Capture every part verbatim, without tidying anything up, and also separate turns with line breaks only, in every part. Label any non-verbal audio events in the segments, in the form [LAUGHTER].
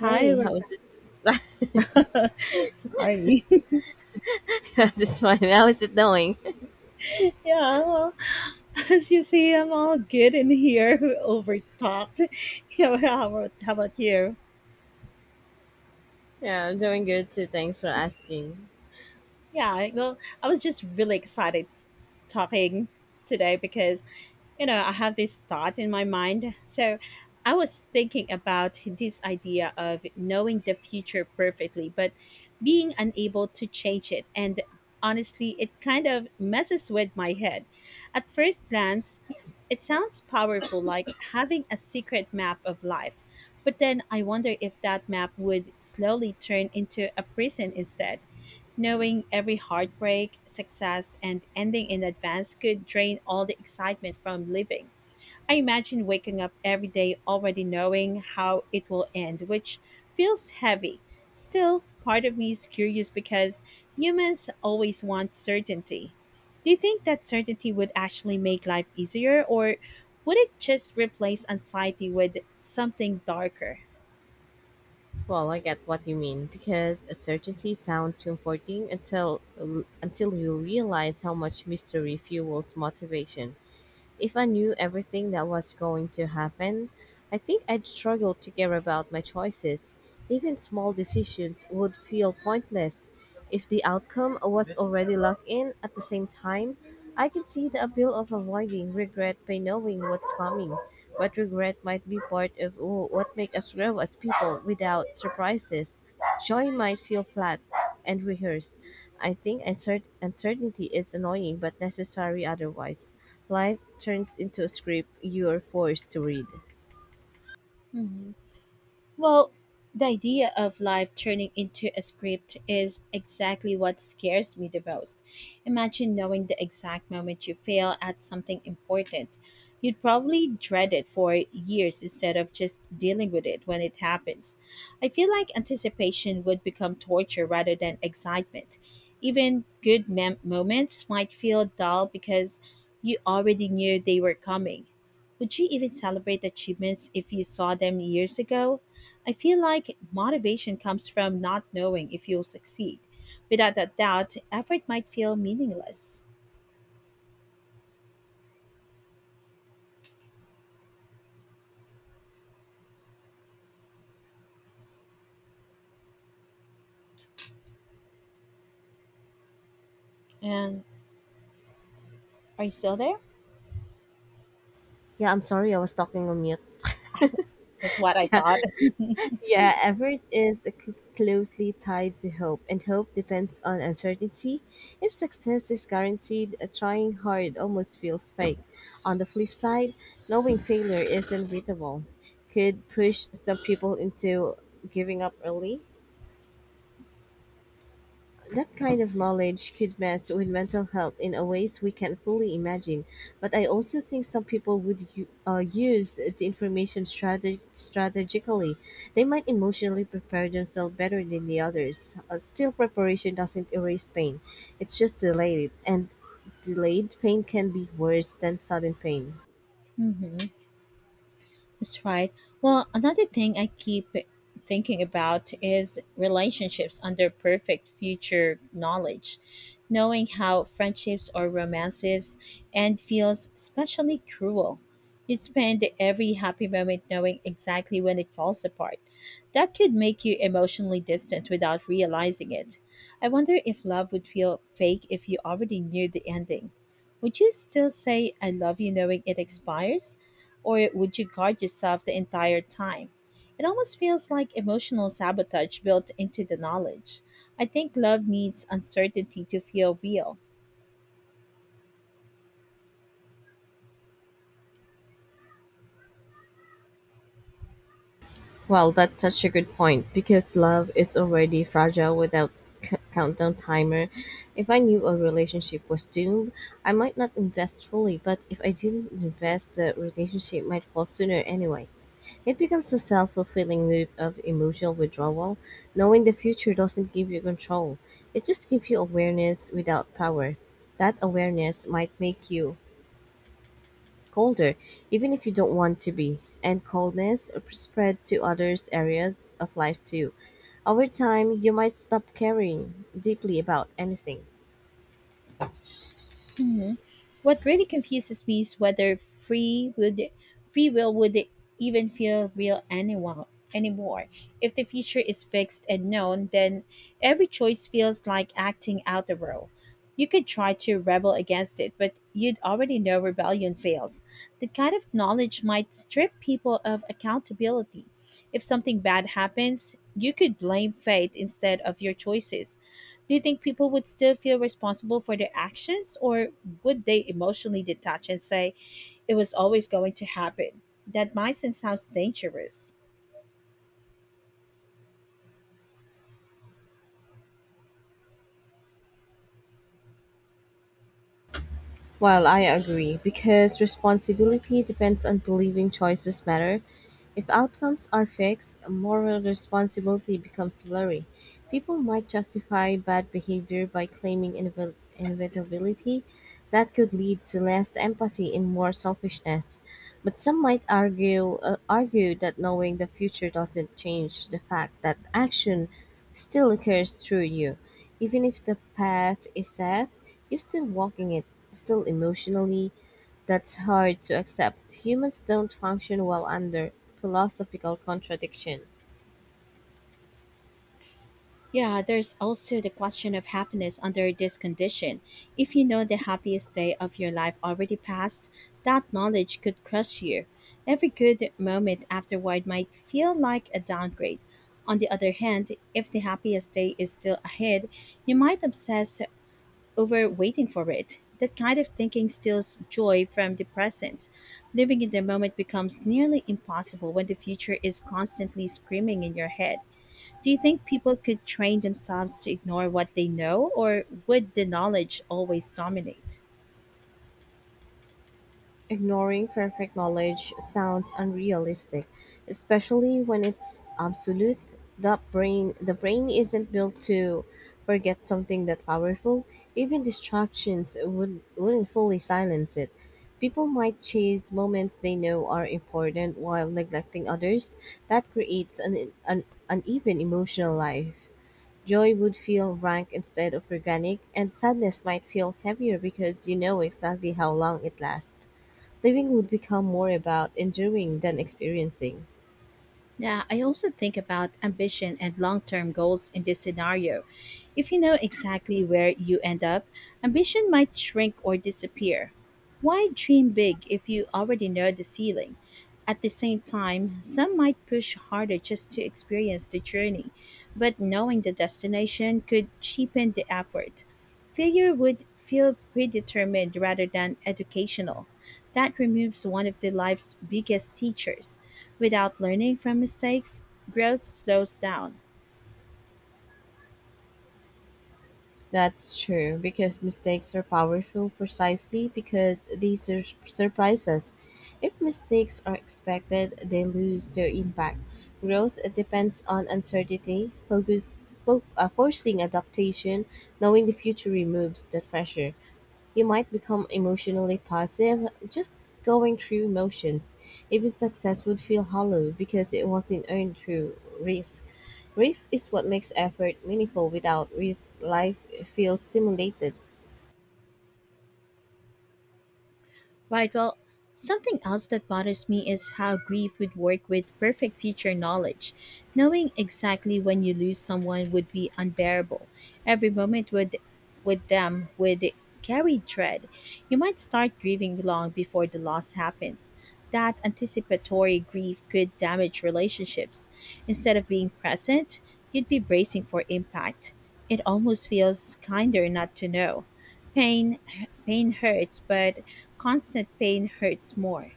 Hi,
how
Rebecca.
is it? [LAUGHS]
[LAUGHS] Sorry. [LAUGHS]
It's fine. How is it going? [LAUGHS]
Yeah, well, as you see, I'm all good in here. [LAUGHS] Over talked. [LAUGHS] Yeah, well, how about, how about you?
Yeah, I'm doing good too. Thanks for asking.
Yeah, well, I was just really excited talking today because you know I have this thought in my mind. So I was thinking about this idea of knowing the future perfectly, but being unable to change it. And honestly, it kind of messes with my head. At first glance, it sounds powerful, like having a secret map of life. But then I wonder if that map would slowly turn into a prison instead. Knowing every heartbreak, success, and ending in advance could drain all the excitement from living. I imagine waking up every day already knowing how it will end, which feels heavy. Still, part of me is curious because humans always want certainty. Do you think that certainty would actually make life easier, or would it just replace anxiety with something darker?
Well, I get what you mean because uncertainty sounds comforting until until you realize how much mystery fuels motivation. If I knew everything that was going to happen, I think I'd struggle to care about my choices. Even small decisions would feel pointless. If the outcome was already locked in at the same time, I can see the appeal of avoiding regret by knowing what's coming. But regret might be part of what makes us grow as people without surprises. Joy might feel flat, and rehearse. I think uncer- uncertainty is annoying but necessary otherwise. Life turns into a script you're forced to read.
Mhm. Well, the idea of life turning into a script is exactly what scares me the most. Imagine knowing the exact moment you fail at something important. You'd probably dread it for years instead of just dealing with it when it happens. I feel like anticipation would become torture rather than excitement. Even good mem- moments might feel dull because you already knew they were coming. Would you even celebrate achievements if you saw them years ago? I feel like motivation comes from not knowing if you'll succeed. Without that doubt, effort might feel meaningless. And are you still there?
Yeah, I'm sorry, I was talking on mute. [LAUGHS]
Just what I
Yeah,
thought. [LAUGHS]
yeah effort is c- closely tied to hope, and hope depends on uncertainty. If success is guaranteed, uh, trying hard almost feels fake. On the flip side, knowing failure is inevitable could push some people into giving up early. That kind of knowledge could mess with mental health in a ways we can fully imagine. But I also think some people would u- uh, use the information strate- strategically. They might emotionally prepare themselves better than the others. Uh, still, preparation doesn't erase pain; it's just delayed, and delayed pain can be worse than sudden pain.
Hmm. That's right. Well, another thing I keep thinking about is relationships under perfect future knowledge. Knowing how friendships or romances end feels especially cruel. You'd spend every happy moment knowing exactly when it falls apart. That could make you emotionally distant without realizing it. I wonder if love would feel fake if you already knew the ending. Would you still say, I love you, knowing it expires? Or would you guard yourself the entire time? It almost feels like emotional sabotage built into the knowledge. I think love needs uncertainty to feel real.
Well, that's such a good point because love is already fragile without c- countdown timer. If I knew a relationship was doomed, I might not invest fully, but if I didn't invest, the relationship might fall sooner anyway. It becomes a self fulfilling loop of emotional withdrawal. Knowing the future doesn't give you control, it just gives you awareness without power. That awareness might make you colder, even if you don't want to be, and coldness spread to other areas of life too. Over time, you might stop caring deeply about anything.
Mhm. What really confuses me is whether free would free will would even feel real anyone anymore. If the future is fixed and known, then every choice feels like acting out the role. You could try to rebel against it, but you'd already know rebellion fails. That kind of knowledge might strip people of accountability. If something bad happens, you could blame fate instead of your choices. Do you think people would still feel responsible for their actions, or would they emotionally detach and say it was always going to happen? That mindset sounds dangerous.
Well, I agree, because responsibility depends on believing choices matter. If outcomes are fixed, moral responsibility becomes blurry. People might justify bad behavior by claiming inevit- inevitability. That could lead to less empathy and more selfishness. But some might argue uh, argue that knowing the future doesn't change the fact that action still occurs through you, even if the path is set. You're still walking it. Still emotionally, that's hard to accept. Humans don't function well under philosophical contradiction.
Yeah, there's also the question of happiness under this condition. If you know the happiest day of your life already passed, that knowledge could crush you. Every good moment afterward might feel like a downgrade. On the other hand, if the happiest day is still ahead, you might obsess over waiting for it. That kind of thinking steals joy from the present. Living in the moment becomes nearly impossible when the future is constantly screaming in your head. Do you think people could train themselves to ignore what they know, or would the knowledge always dominate?
Ignoring perfect knowledge sounds unrealistic, especially when it's absolute. The brain the brain isn't built to forget something that powerful. Even distractions would wouldn't fully silence it. People might chase moments they know are important while neglecting others. That creates an, an uneven emotional life. Joy would feel rank instead of organic, and sadness might feel heavier because you know exactly how long it lasts. Living would become more about enduring than experiencing.
Yeah, I also think about ambition and long term goals in this scenario. If you know exactly where you end up, ambition might shrink or disappear. Why dream big if you already know the ceiling? At the same time, some might push harder just to experience the journey, but knowing the destination could cheapen the effort. Failure would feel predetermined rather than educational. That removes one of the life's biggest teachers. Without learning from mistakes, growth slows down.
That's true, because mistakes are powerful precisely because they sur- surprise us. If mistakes are expected, they lose their impact. Growth depends on uncertainty, focus, fo- uh, forcing adaptation, knowing the future removes the pressure. You might become emotionally passive, just going through motions. Even success would feel hollow because it wasn't earned through risk. Risk is what makes effort meaningful. Without risk, life feels simulated.
Right, well, something else that bothers me is how grief would work with perfect future knowledge. Knowing exactly when you lose someone would be unbearable. Every moment with with them would carry dread. You might start grieving long before the loss happens. That anticipatory grief could damage relationships. Instead of being present, you'd be bracing for impact. It almost feels kinder not to know. Pain pain hurts, but constant pain hurts more.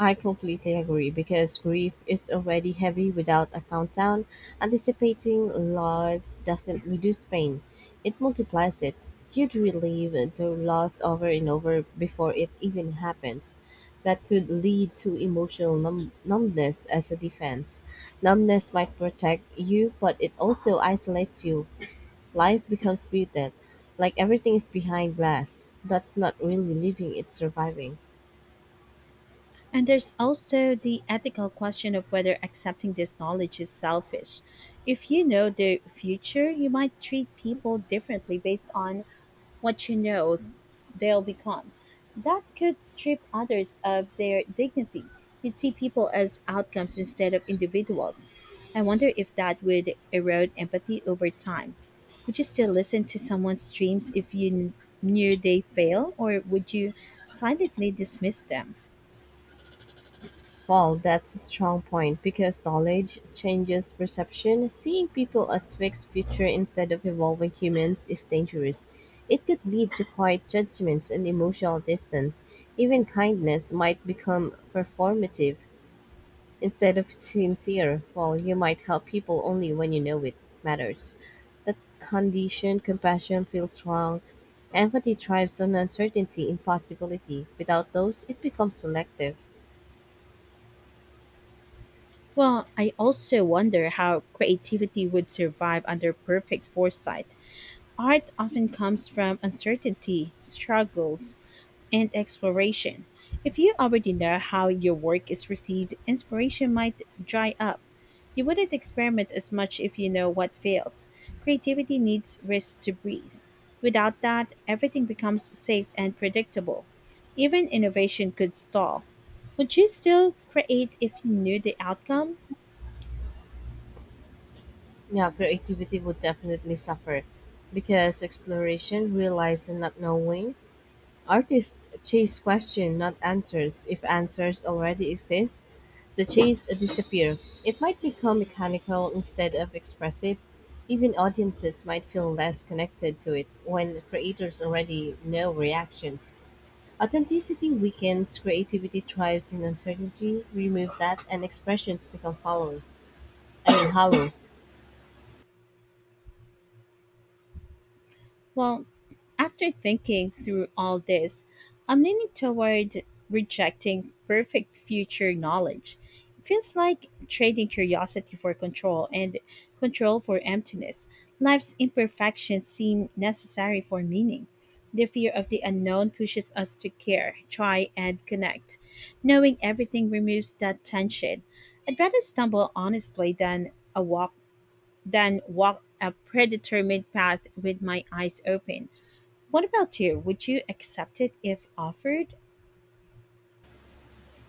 I completely agree because grief is already heavy without a countdown. Anticipating loss doesn't reduce pain, it multiplies it. You'd relive the loss over and over before it even happens. That could lead to emotional numb- numbness as a defense. Numbness might protect you, but it also isolates you. Life becomes muted, like everything is behind glass. That's not really living, it's surviving.
And there's also the ethical question of whether accepting this knowledge is selfish. If you know the future, you might treat people differently based on what you know they'll become. That could strip others of their dignity. You'd see people as outcomes instead of individuals. I wonder if that would erode empathy over time. Would you still listen to someone's dreams if you kn- knew they fail, or would you silently dismiss them?
Well, that's a strong point because knowledge changes perception. Seeing people as fixed future instead of evolving humans is dangerous. It could lead to quiet judgments and emotional distance. Even kindness might become performative instead of sincere. Well, you might help people only when you know it matters. That condition, compassion feels wrong. Empathy thrives on uncertainty, impossibility. Without those, it becomes selective.
Well, I also wonder how creativity would survive under perfect foresight. Art often comes from uncertainty, struggles, and exploration. If you already know how your work is received, inspiration might dry up. You wouldn't experiment as much if you know what fails. Creativity needs risk to breathe. Without that, everything becomes safe and predictable. Even innovation could stall. Would you still create if you knew the outcome?
Yeah, creativity would definitely suffer because exploration relies on not knowing. Artists chase questions, not answers. If answers already exist, the chase disappear. It might become mechanical instead of expressive. Even audiences might feel less connected to it when creators already know reactions. Authenticity weakens, creativity thrives in uncertainty. Remove that, and expressions become hollow. I mean, hollow.
Well, after thinking through all this, I'm leaning toward rejecting perfect future knowledge. It feels like trading curiosity for control and control for emptiness. Life's imperfections seem necessary for meaning. The fear of the unknown pushes us to care, try, and connect. Knowing everything removes that tension. I'd rather stumble honestly than a walk than walk a predetermined path with my eyes open. What about you? Would you accept it if offered?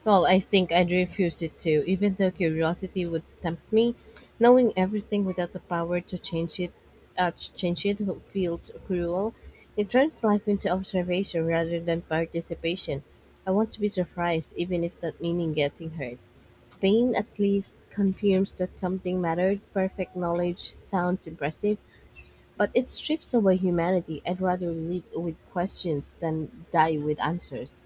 Well, I think I'd refuse it too, even though curiosity would tempt me. Knowing everything without the power to change it, uh, to change it feels cruel. It turns life into observation rather than participation. I want to be surprised, even if that meaning getting hurt. Pain at least confirms that something mattered. Perfect knowledge sounds impressive, but it strips away humanity. I'd rather live with questions than die with answers.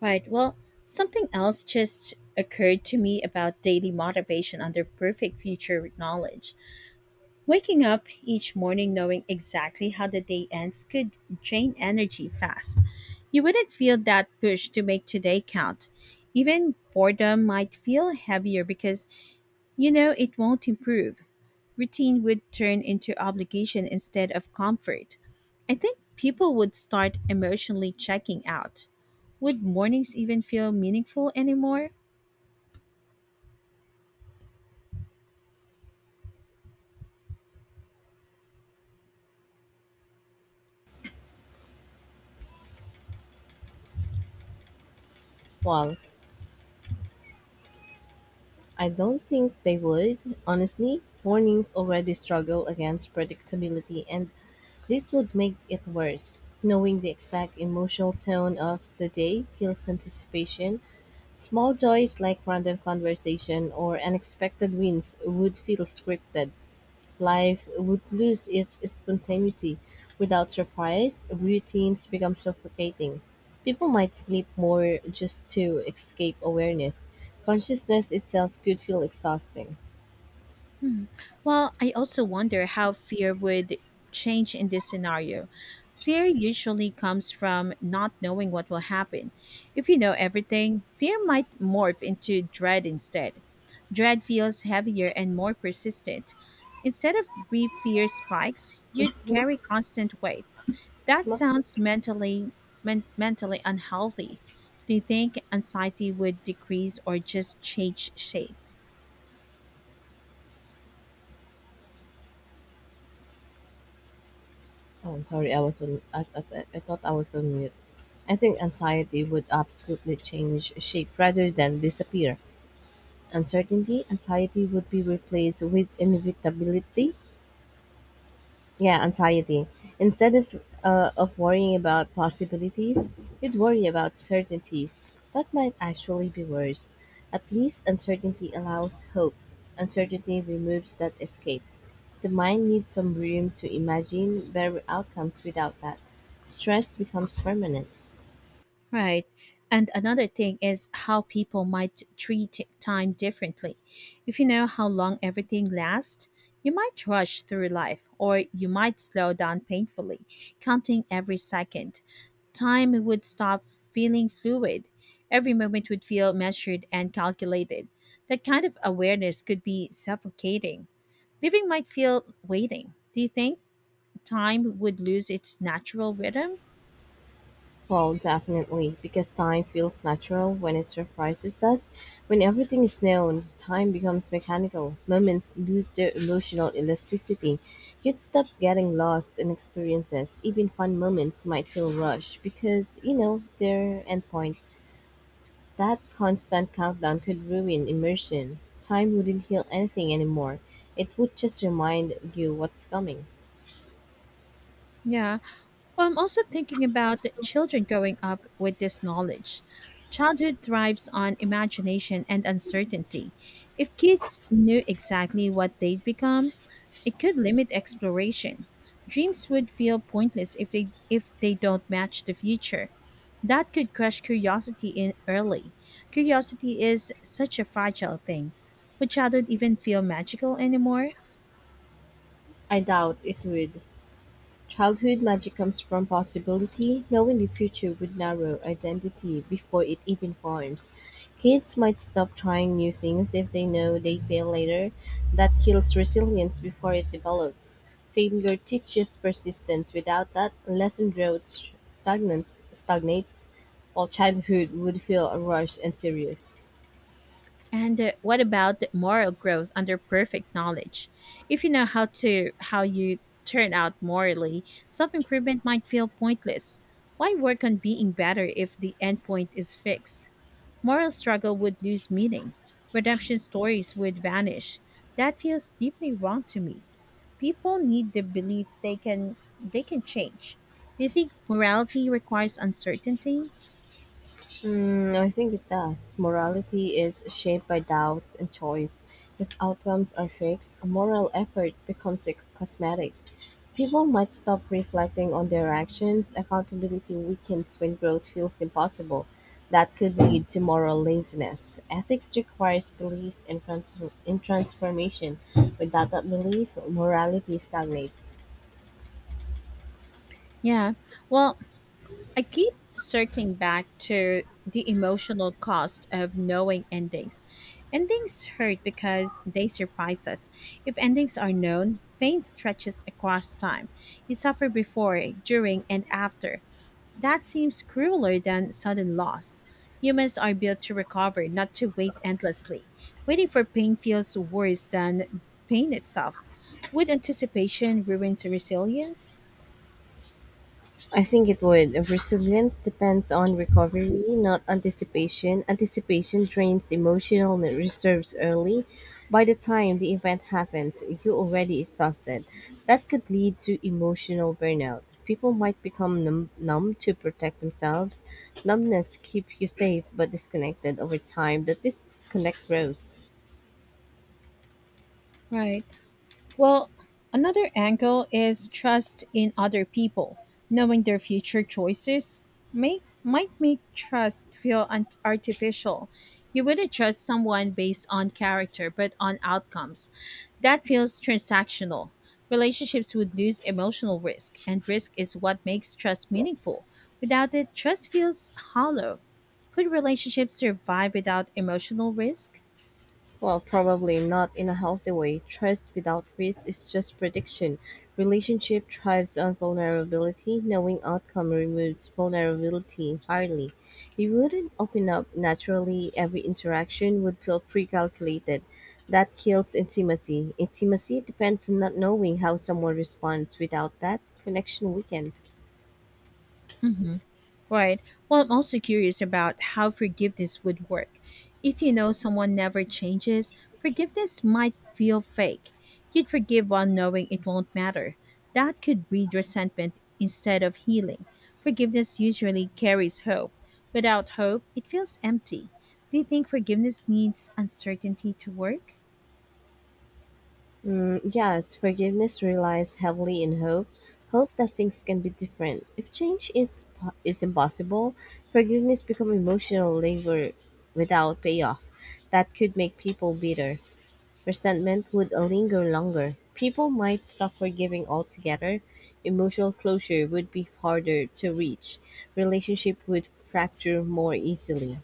Right. Well, something else just occurred to me about daily motivation under perfect future knowledge. Waking up each morning knowing exactly how the day ends could drain energy fast. You wouldn't feel that push to make today count. Even boredom might feel heavier because you know it won't improve. Routine would turn into obligation instead of comfort. I think people would start emotionally checking out. Would mornings even feel meaningful anymore?
Well, I don't think they would, honestly. Mornings already struggle against predictability, and this would make it worse. Knowing the exact emotional tone of the day kills anticipation. Small joys like random conversation or unexpected wins would feel scripted. Life would lose its spontaneity. Without surprise, routines become suffocating. People might sleep more just to escape awareness. Consciousness itself could feel exhausting.
Well, I also wonder how fear would change in this scenario. Fear usually comes from not knowing what will happen. If you know everything, fear might morph into dread instead. Dread feels heavier and more persistent. Instead of brief fear spikes, you'd
Not,
carry constant weight. That
not,
sounds mentally men- mentally unhealthy. Do you think anxiety would decrease or just change shape?
oh, I'm sorry, I was on. I, I, I thought I was on mute. I think anxiety would absolutely change shape rather than disappear. Uncertainty, anxiety would be replaced with inevitability. Yeah, anxiety. Instead of, uh, of worrying about possibilities, you'd worry about certainties. That might actually be worse. At least uncertainty allows hope. Uncertainty removes that escape. The mind needs some room to imagine better outcomes without that. Stress becomes permanent.
Right. And another thing is how people might treat time differently. If you know how long everything lasts, you might rush through life or you might slow down painfully, counting every second. Time would stop feeling fluid. Every moment would feel measured and calculated. That kind of awareness could be suffocating. Living might feel waiting. Do you think time would lose its natural rhythm?
Well, definitely, because time feels natural when it surprises us. When everything is known, time becomes mechanical. Moments lose their emotional elasticity. You'd stop getting lost in experiences. Even fun moments might feel rushed because, you know, their endpoint. That constant countdown could ruin immersion. Time wouldn't heal anything anymore. It would just remind you what's coming.
Yeah. Well, I'm also thinking about the children growing up with this knowledge. Childhood thrives on imagination and uncertainty. If kids knew exactly what they'd become, it could limit exploration. Dreams would feel pointless if they if they don't match the future. That could crush curiosity in early. Curiosity is such a fragile thing. Would childhood even feel magical anymore?
I doubt it would. Childhood magic comes from possibility, knowing the future would narrow identity before it even forms. Kids might stop trying new things if they know they fail later. That kills resilience before it develops. Failure teaches persistence. Without that, lesson growth stagnates, stagnates, while childhood would feel rushed and serious.
And uh, what about the moral growth under perfect knowledge? If you know how to how you turn out morally, self-improvement might feel pointless. Why work on being better if the endpoint is fixed? Moral struggle would lose meaning. Redemption stories would vanish. That feels deeply wrong to me. People need the belief they can they can change. Do you think morality requires uncertainty?
Mm, I think it does. Morality is shaped by doubts and choice. If outcomes are fixed, moral effort becomes a cosmetic. People might stop reflecting on their actions. Accountability weakens when growth feels impossible. That could lead to moral laziness. Ethics requires belief in, trans- in transformation. Without that belief, morality stagnates.
Yeah. Well, I keep circling back to the emotional cost of knowing endings. Endings hurt because they surprise us. If endings are known, pain stretches across time. You suffer before, during, and after. That seems crueler than sudden loss. Humans are built to recover, not to wait endlessly. Waiting for pain feels worse than pain itself. Would anticipation ruin resilience?
I think it would. Resilience depends on recovery, not anticipation. Anticipation drains emotional reserves early. By the time the event happens, you're already exhausted. That could lead to emotional burnout. People might become numb, numb to protect themselves. Numbness keeps you safe but disconnected over time. The disconnect grows.
Right. Well, another angle is trust in other people. Knowing their future choices may, might make trust feel un- artificial. You wouldn't trust someone based on character, but on outcomes. That feels transactional. Relationships would lose emotional risk, and risk is what makes trust meaningful. Without it, trust feels hollow. Could relationships survive without emotional risk?
Well, probably not in a healthy way. Trust without risk is just prediction. Relationship thrives on vulnerability. Knowing outcome removes vulnerability entirely. You wouldn't open up naturally. Every interaction would feel pre-calculated. That kills intimacy. Intimacy depends on not knowing how someone responds. Without that, connection weakens.
Hmm. Right. Well, I'm also curious about how forgiveness would work. If you know someone never changes, forgiveness might feel fake. You'd forgive while knowing it won't matter. That could breed resentment instead of healing. Forgiveness usually carries hope. Without hope, it feels empty. Do you think forgiveness needs uncertainty to work?
Mm, yes, forgiveness relies heavily in hope, hope that things can be different. If change is po- is impossible, forgiveness becomes emotional labor without payoff. That could make people bitter. Resentment would linger longer. People might stop forgiving altogether. Emotional closure would be harder to reach. Relationship would fracture more easily.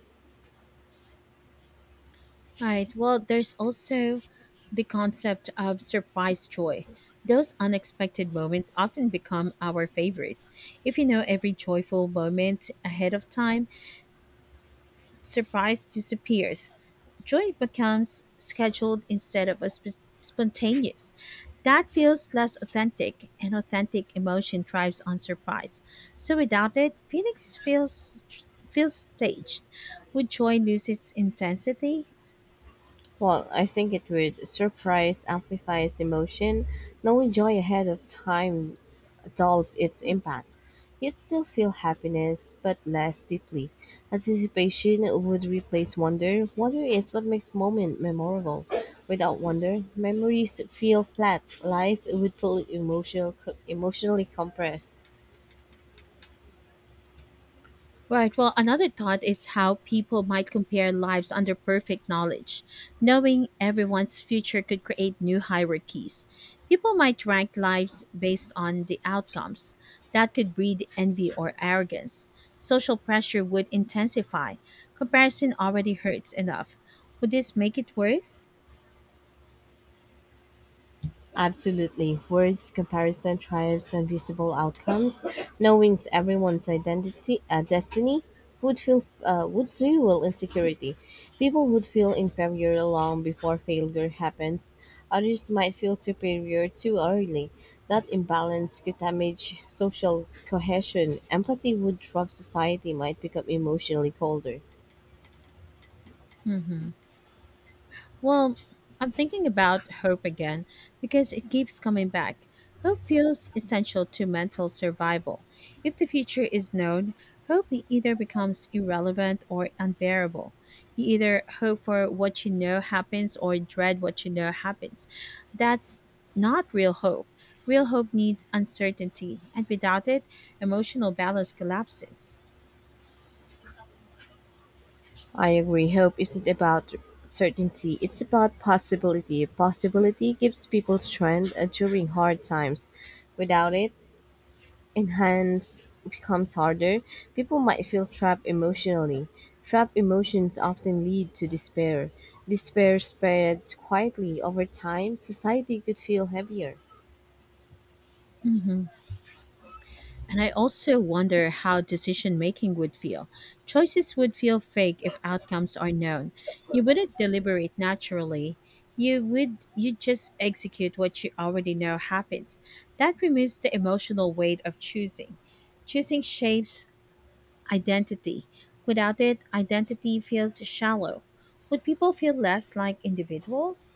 Right. Well, there's also the concept of surprise joy. Those unexpected moments often become our favorites. If you know every joyful moment ahead of time, surprise disappears. Joy becomes scheduled instead of a sp- spontaneous. That feels less authentic, and authentic emotion thrives on surprise. So without it, Phoenix feels feels staged. Would joy lose its intensity?
Well, I think it would surprise amplifies emotion. Knowing joy ahead of time dulls its impact. You'd still feel happiness, but less deeply. Anticipation would replace wonder. Wonder is what makes moment memorable. Without wonder, memories feel flat. Life would feel emotional, emotionally compressed.
Right. Well, another thought is how people might compare lives under perfect knowledge. Knowing everyone's future could create new hierarchies. People might rank lives based on the outcomes. That could breed envy or arrogance. Social pressure would intensify. Comparison already hurts enough. Would this make it worse?
Absolutely. Words comparison triumphs on visible outcomes. Knowing everyone's identity, uh, destiny would feel uh, would fuel insecurity. People would feel inferior long before failure happens. Others might feel superior too early. That imbalance could damage social cohesion. Empathy would drop. Society might become emotionally colder.
Hmm. Well, I'm thinking about hope again because it keeps coming back. Hope feels essential to mental survival. If the future is known, hope either becomes irrelevant or unbearable. You either hope for what you know happens or dread what you know happens. That's not real hope. Real hope needs uncertainty, and without it, emotional balance collapses.
I agree. Hope isn't about certainty, it's about possibility. Possibility gives people strength uh, during hard times. Without it, enhance becomes harder. People might feel trapped emotionally. Trapped emotions often lead to despair. Despair spreads quietly over time. Society could feel heavier.
Hmm. And I also wonder how decision making would feel. Choices would feel fake if outcomes are known. You wouldn't deliberate naturally. You would you just execute what you already know happens. That removes the emotional weight of choosing. Choosing shapes identity. Without it, identity feels shallow. Would people feel less like individuals?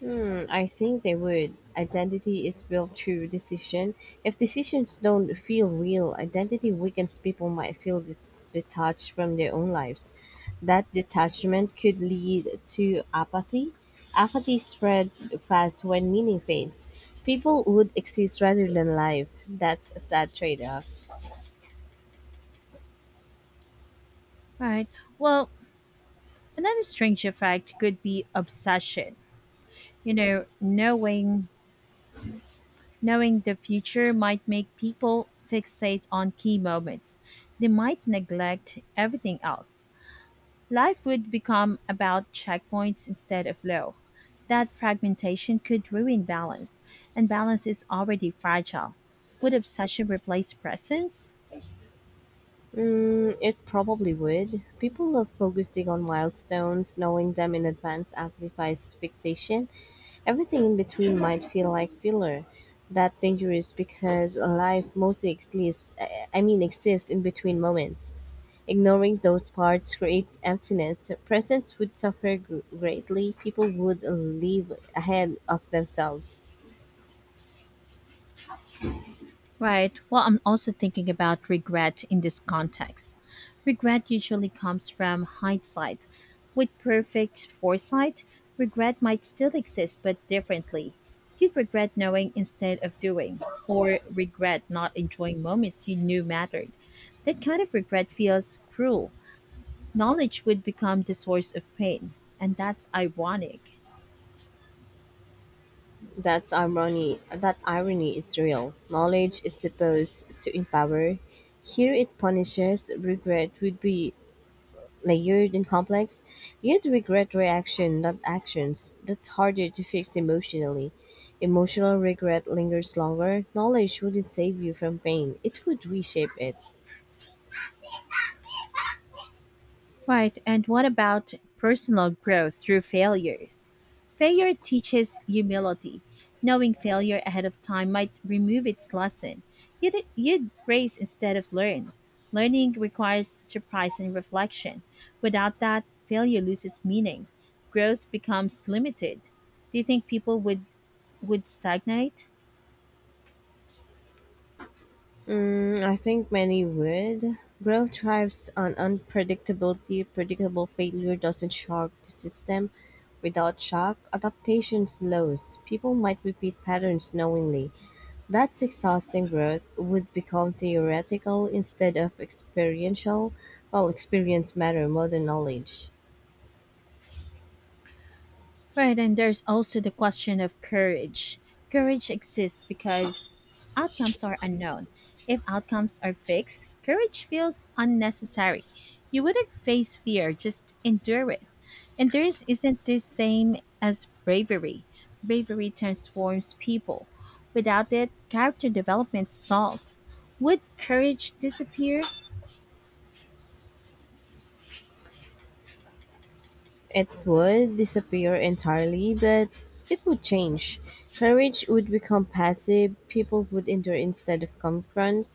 Hmm, I think they would. Identity is built through decision. If decisions don't feel real, identity weakens people might feel de- detached from their own lives. That detachment could lead to apathy. Apathy spreads fast when meaning fades. People would exist rather than live. That's a sad trade off.
Right. Well, another strange effect could be obsession. You know, knowing Knowing the future might make people fixate on key moments. They might neglect everything else. Life would become about checkpoints instead of flow. That fragmentation could ruin balance, and balance is already fragile. Would obsession replace presence?
Mm, it probably would. People love focusing on milestones, knowing them in advance amplifies fixation. Everything in between might feel like filler. That's dangerous because life mostly exists, I I mean, exists in between moments. Ignoring those parts creates emptiness. Presence would suffer gr- greatly. People would live ahead of themselves.
Right. Well, I'm also thinking about regret in this context. Regret usually comes from hindsight. With perfect foresight, regret might still exist but differently. You'd regret knowing instead of doing, or regret not enjoying moments you knew mattered. That kind of regret feels cruel. Knowledge would become the source of pain, and that's ironic.
That's irony. That irony is real. Knowledge is supposed to empower. Here it punishes. Regret would be layered and complex, you'd regret reaction, not actions. That's harder to fix emotionally. Emotional regret lingers longer. Knowledge wouldn't save you from pain, it would reshape it.
Right, and what about personal growth through failure? Failure teaches humility. Knowing failure ahead of time might remove its lesson. You'd, you'd brace instead of learn. Learning requires surprise and reflection. Without that, failure loses meaning. Growth becomes limited. Do you think people would would stagnate?
Mm, I think many would. Growth thrives on unpredictability. Predictable failure doesn't shock the system. Without shock, adaptation slows. People might repeat patterns knowingly. That exhausting growth would become theoretical instead of experiential, while experience matter more than knowledge.
Right, and there's also the question of courage. Courage exists because outcomes are unknown. If outcomes are fixed, courage feels unnecessary. You wouldn't face fear, just endure it. Endurance isn't the same as bravery. Bravery transforms people. Without it, character development stalls. Would courage disappear?
It would disappear entirely, but it would change. Courage would become passive, people would endure instead of confront.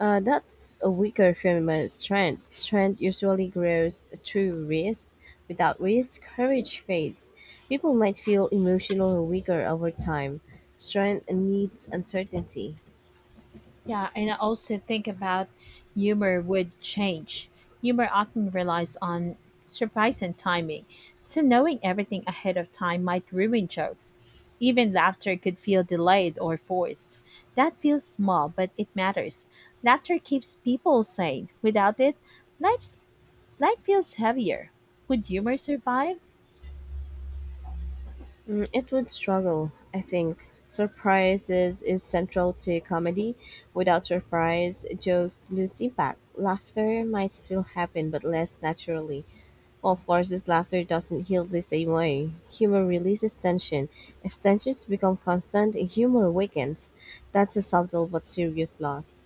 Uh, that's a weaker feminine strength. Strength usually grows through risk. Without risk, courage fades. People might feel emotional or weaker over time. Strength needs uncertainty.
Yeah, and I also think about humor would change. Humor often relies on surprise and timing, so knowing everything ahead of time might ruin jokes. Even laughter could feel delayed or forced. That feels small, but it matters. Laughter keeps people sane. Without it, life's life feels heavier. Would humor survive?
Mm, it would struggle, I think. Surprise is, is central to comedy. Without surprise, jokes lose impact. Laughter might still happen, but less naturally. While forces laughter doesn't heal the same way. Humor releases tension. If tensions become constant, humor weakens. That's a subtle but serious loss.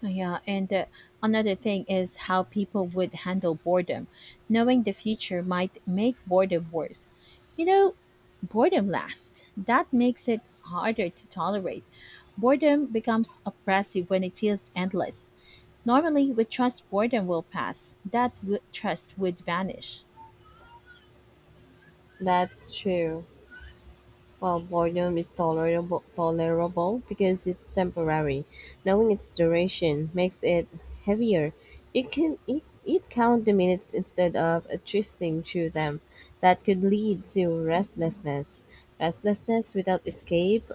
Yeah, and uh, another thing is how people would handle boredom. Knowing the future might make boredom worse. You know, boredom lasts. That makes it harder to tolerate. Boredom becomes oppressive when it feels endless. Normally, we trust boredom will pass. That w- trust would vanish.
That's true. While boredom is tolerable tolerable because it's temporary, knowing its duration makes it heavier. You can it, it count the minutes instead of uh, drifting through them. That could lead to restlessness. Restlessness without escape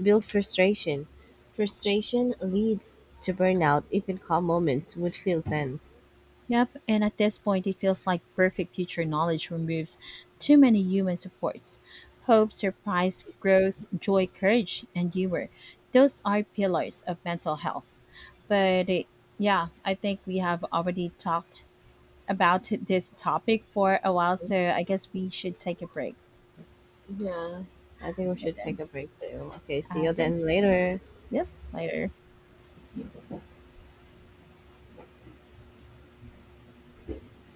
builds frustration. Frustration leads to burnout. Even calm moments would feel tense.
Yep, and at this point, it feels like perfect future knowledge removes too many human supports. Hope, surprise, growth, joy, courage, and humor. Those are pillars of mental health. But eh, yeah, I think we have already talked about this topic for a while, so I guess we should take a break.
Yeah. I think we
Right
should
then.
take a break too. Okay,
All
see you
right then.
then later.
Yep, later.